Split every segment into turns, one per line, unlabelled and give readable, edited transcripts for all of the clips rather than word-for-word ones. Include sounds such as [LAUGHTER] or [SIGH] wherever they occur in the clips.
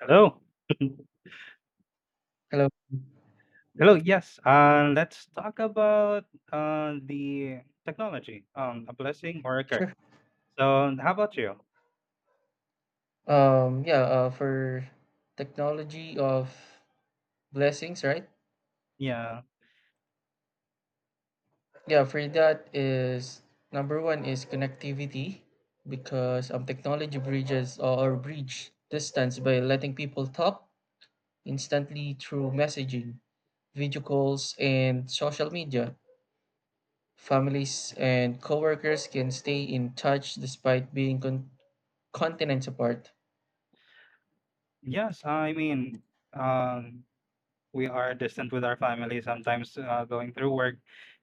Hello. [CLEARS THROAT]
Hello.
[LAUGHS] Hello. Yes. Let's talk about the technology, a blessing or a curse.
Sure.
So, how about you?
Yeah, for technology of blessings, right?
Yeah.
Yeah, for that is number one is connectivity because technology bridges or bridge distance by letting people talk instantly through messaging, video calls, and social media. Families and coworkers can stay in touch despite continents apart.
Yes. I mean, um, we are distant with our family sometimes going through work,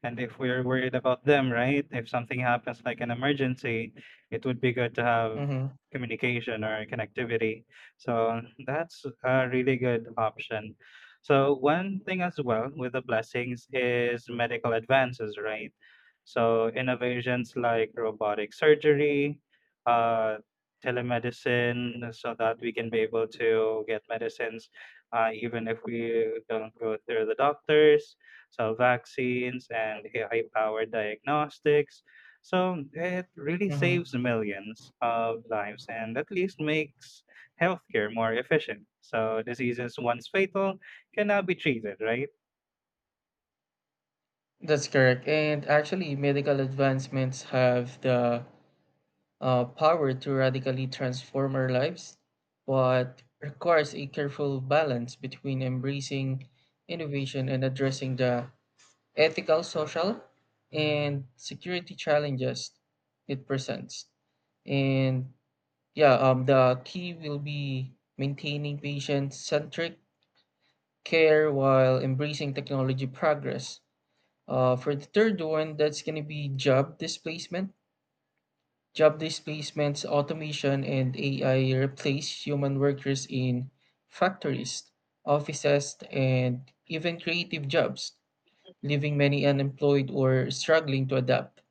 and if we're worried about them, right? If something happens like an emergency, it would be good to have
Mm-hmm.
communication or connectivity, so that's a really good option. So one thing as well with the blessings is medical advances, right? So innovations like robotic surgery, uh telemedicine, so that we can be able to get medicines even if we don't go through the doctors. So vaccines and high-powered diagnostics. So it really
mm-hmm.
saves millions of lives and at least makes healthcare more efficient. So diseases once fatal can now be treated, right?
That's correct. And actually, medical advancements have the power to radically transform our lives, but requires a careful balance between embracing innovation and addressing the ethical, social, and security challenges it presents. And yeah, the key will be maintaining patient centric care while embracing technology progress for the third one, that's going to be job displacement. Job displacements, automation, and AI replace human workers in factories, offices, and even creative jobs, leaving many unemployed or struggling to adapt.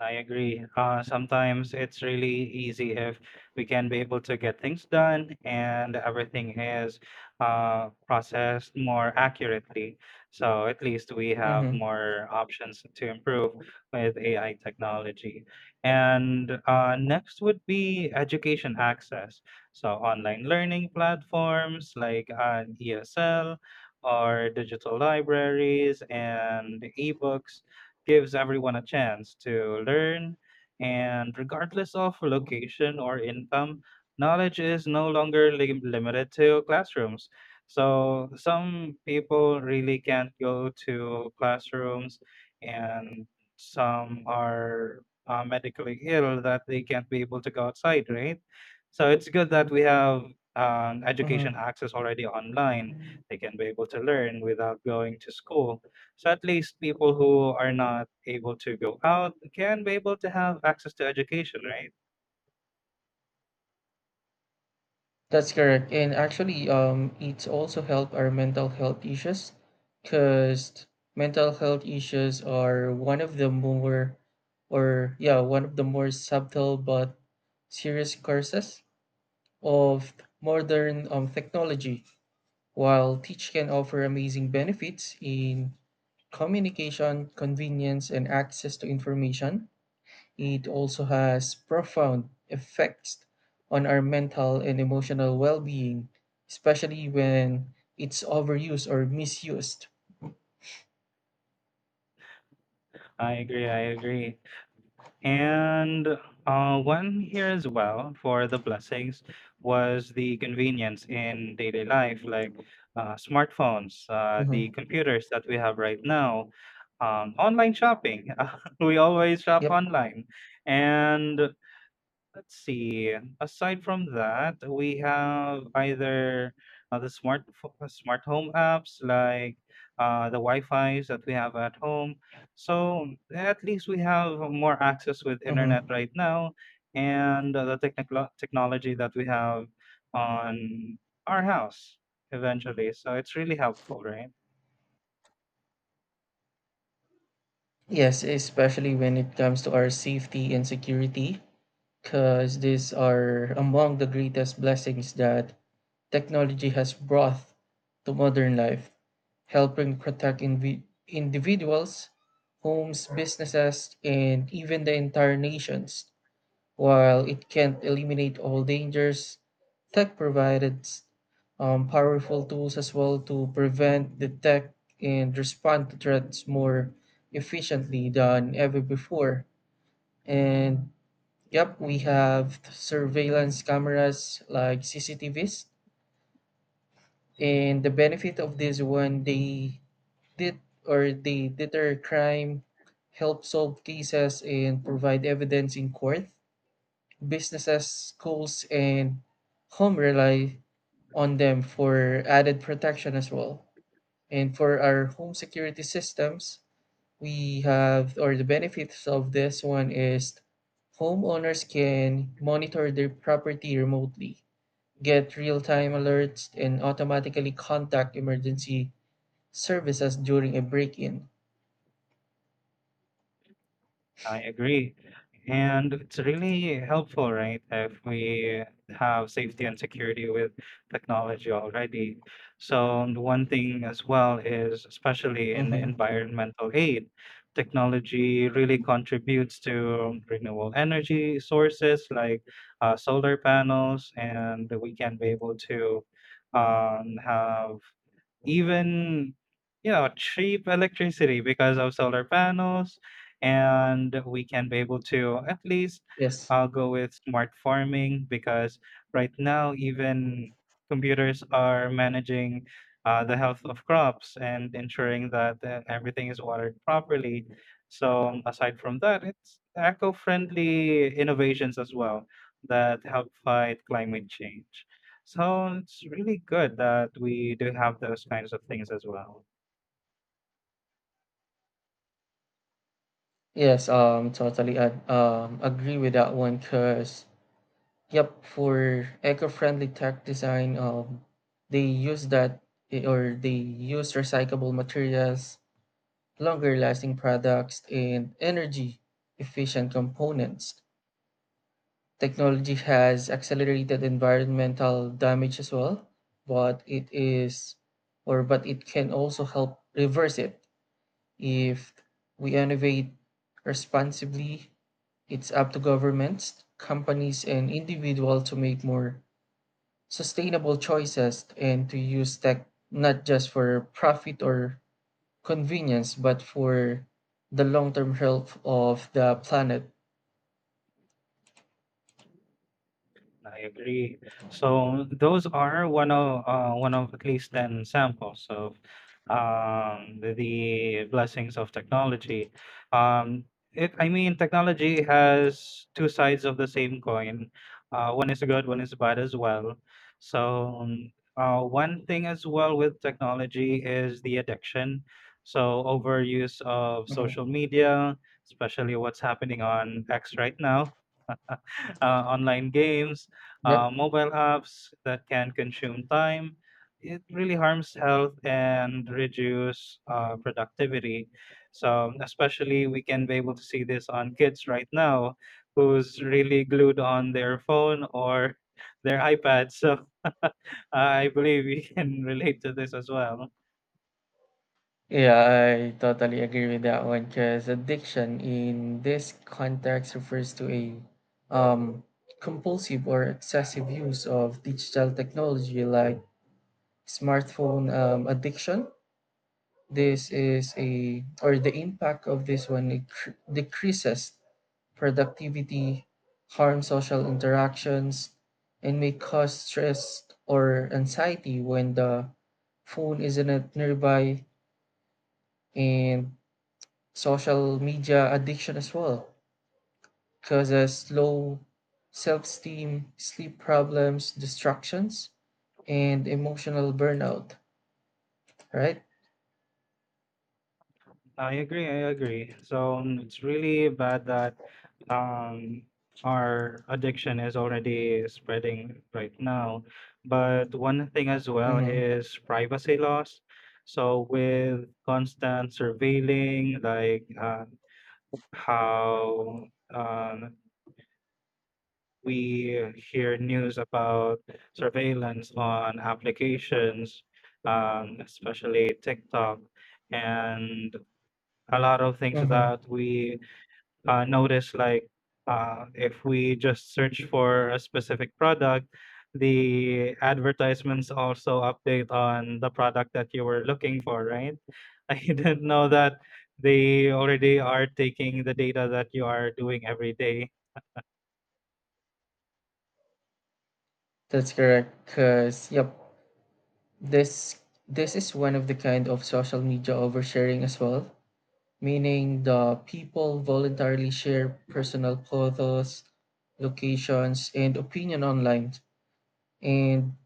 I agree. Sometimes it's really easy if we can be able to get things done and everything is processed more accurately. So at least we have
Mm-hmm.
more options to improve with AI technology. And next would be education access. So online learning platforms like ESL or digital libraries and ebooks gives everyone a chance to learn, and regardless of location or income, knowledge is no longer limited to classrooms. So some people really can't go to classrooms, and some are medically ill that they can't be able to go outside, right? So it's good that we have
Mm-hmm.
education access already online. They can be able to learn without going to school. So at least people who are not able to go out can be able to have access to education, right?
That's correct. And actually, it also help our mental health issues because mental health issues are one of the one of the more subtle but serious curses of modern technology. While Teach can offer amazing benefits in communication, convenience, and access to information, it also has profound effects on our mental and emotional well being, especially when it's overused or misused.
I agree. I agree. And one here as well for the blessings was the convenience in daily life, like smartphones,
Hmm.
the computers that we have right now, online shopping. [LAUGHS] We always shop
Yep.
online. And let's see. Aside from that, we have either smart home apps like the Wi-Fi's that we have at home. So at least we have more access with internet
Hmm.
right now, and the technical technology that we have on our house eventually. So it's really helpful, right?
Yes, especially when it comes to our safety and security, because these are among the greatest blessings that technology has brought to modern life, helping individuals, homes, businesses, and even the entire nations. While it can't eliminate all dangers, tech provided powerful tools as well to prevent, detect, and respond to threats more efficiently than ever before. And yep, we have surveillance cameras like CCTVs. And the benefit of this one, they did or they deter crime, help solve cases, and provide evidence in court. Businesses, schools, and home rely on them for added protection as well. And for our home security systems, we have, or the benefits of this one is homeowners can monitor their property remotely, get real time alerts, and automatically contact emergency services during a break in.
I agree. And it's really helpful, right, if we have safety and security with technology already. So, and one thing as well is, especially in
Mm-hmm.
environmental aid, technology really contributes to renewable energy sources like solar panels, and we can be able to have even, you know, cheap electricity because of solar panels, and we can be able to at least
Yes.
go with smart farming, because right now even computers are managing the health of crops and ensuring that everything is watered properly. So aside from that, it's eco-friendly innovations as well that help fight climate change. So it's really good that we do have those kinds of things as well.
Yes, totally. I agree with that one because yep, for eco-friendly tech design, they use that eh, or they use recyclable materials, longer lasting products, and energy efficient components. Technology has accelerated environmental damage as well, but it is but it can also help reverse it if we innovate responsibly. It's up to governments, companies, and individuals to make more sustainable choices and to use tech not just for profit or convenience but for the long-term health of the planet.
I agree. So those are one of at least ten samples of the blessings of technology. Um, I mean, technology has two sides of the same coin. One is good, one is bad as well. So one thing as well with technology is the addiction. So overuse of
Mhm.
social media, especially what's happening on X right now, [LAUGHS] online games,
Yep.
mobile apps that can consume time. It really harms health and reduce productivity. So especially we can be able to see this on kids right now, who's really glued on their phone or their iPad. So [LAUGHS] I believe we can relate to this as well.
Yeah, I totally agree with that one because addiction in this context refers to a um, compulsive or excessive use of digital technology like smartphone addiction. This is a or The impact of this one, it decreases productivity, harm social interactions, and may cause stress or anxiety when the phone isn't nearby. And social media addiction as well causes low self-esteem, sleep problems, distractions, and emotional burnout, right?
I agree, I agree. So it's really bad that um our addiction is already spreading right now. But one thing as well
Mm-hmm.
is privacy loss. So with constant surveilling, like how um, we hear news about surveillance on applications, especially TikTok, and a lot of things
Mm-hmm.
that we notice, like if we just search for a specific product, the advertisements also update on the product that you were looking for, right? [LAUGHS] I didn't know that they already are taking the data that you are doing every day.
That's correct because yep, this this is one of the kind of social media oversharing as well, meaning the people voluntarily share personal photos, locations, and opinion online. And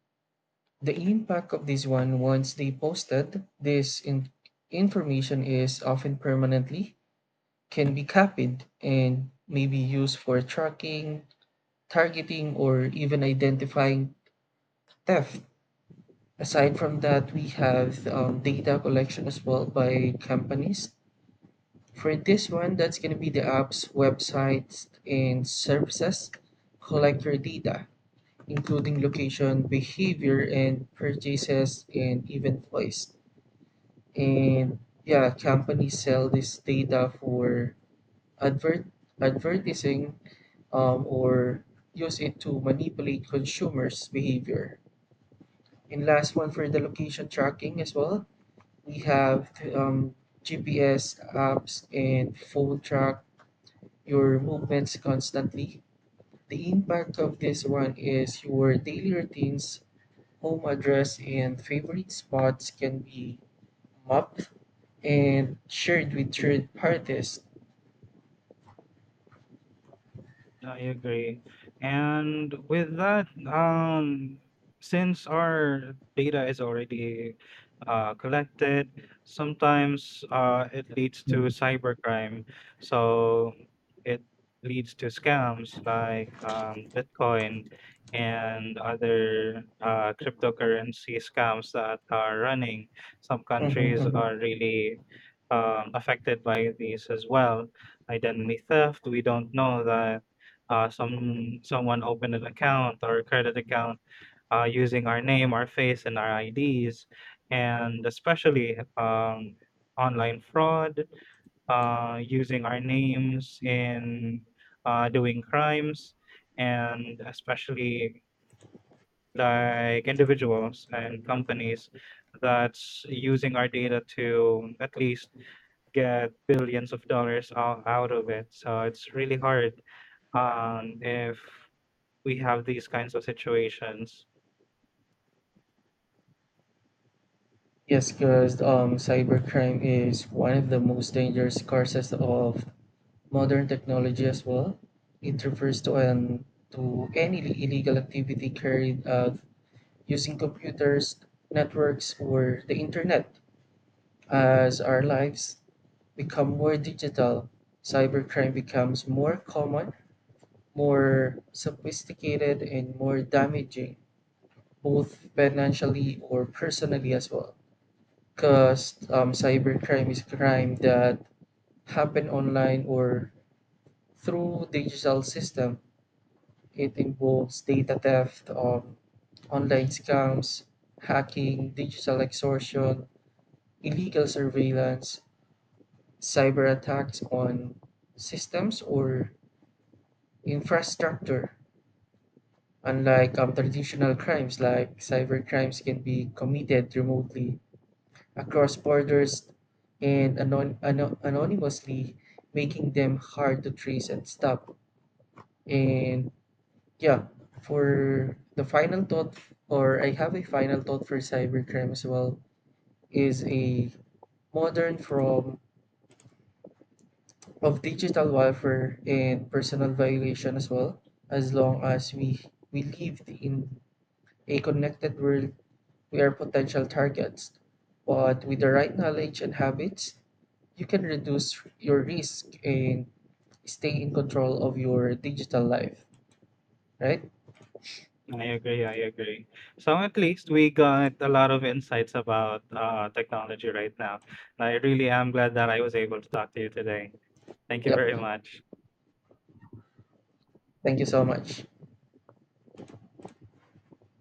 the impact of this one, once they posted, this information is often permanently can be copied and may be used for tracking, targeting, or even identifying theft. Aside from that, we have data collection as well by companies. For this one, that's going to be the apps, websites, and services collect your data, including location, behavior, and purchases, and even place. And yeah, companies sell this data for advert advertising or use it to manipulate consumers' behavior. And last one for the location tracking as well, we have GPS apps and phone track your movements constantly. The impact of this one is your daily routines, home address, and favorite spots can be mapped and shared with third parties.
I agree. And with that, since our data is already collected, sometimes it leads to
Mm-hmm,
cybercrime. So it leads to scams like Bitcoin and other cryptocurrency scams that are running. Some countries
mm-hmm.
are really affected by these as well. Identity theft, we don't know that someone opened an account or a credit account using our name, our face, and our IDs, and especially online fraud, using our names in doing crimes, and especially like individuals and companies that's using our data to at least get billions of dollars out of it. So it's really hard if we have these kinds of situations.
Yes, because cybercrime is one of the most dangerous causes of modern technology as well. It refers to an to any illegal activity carried out using computers, networks, or the internet. As our lives become more digital, cybercrime becomes more common, more sophisticated, and more damaging, both financially or personally as well. Because cybercrime is crime that happen online or through digital system. It involves data theft, online scams, hacking, digital extortion, illegal surveillance, cyber attacks on systems or infrastructure. Unlike traditional crimes, like cyber crimes can be committed remotely across borders and anonymously, making them hard to trace and stop. And yeah, for the final thought, or I have a final thought for cybercrime as well, is a modern from of digital warfare and personal violation as well. As long as we live in a connected world, we are potential targets. But with the right knowledge and habits, you can reduce your risk and stay in control of your digital life, right?
I agree. I agree. So at least we got a lot of insights about technology right now. I really am glad that I was able to talk to you today. Thank you very
Yep.
much.
Thank you so much.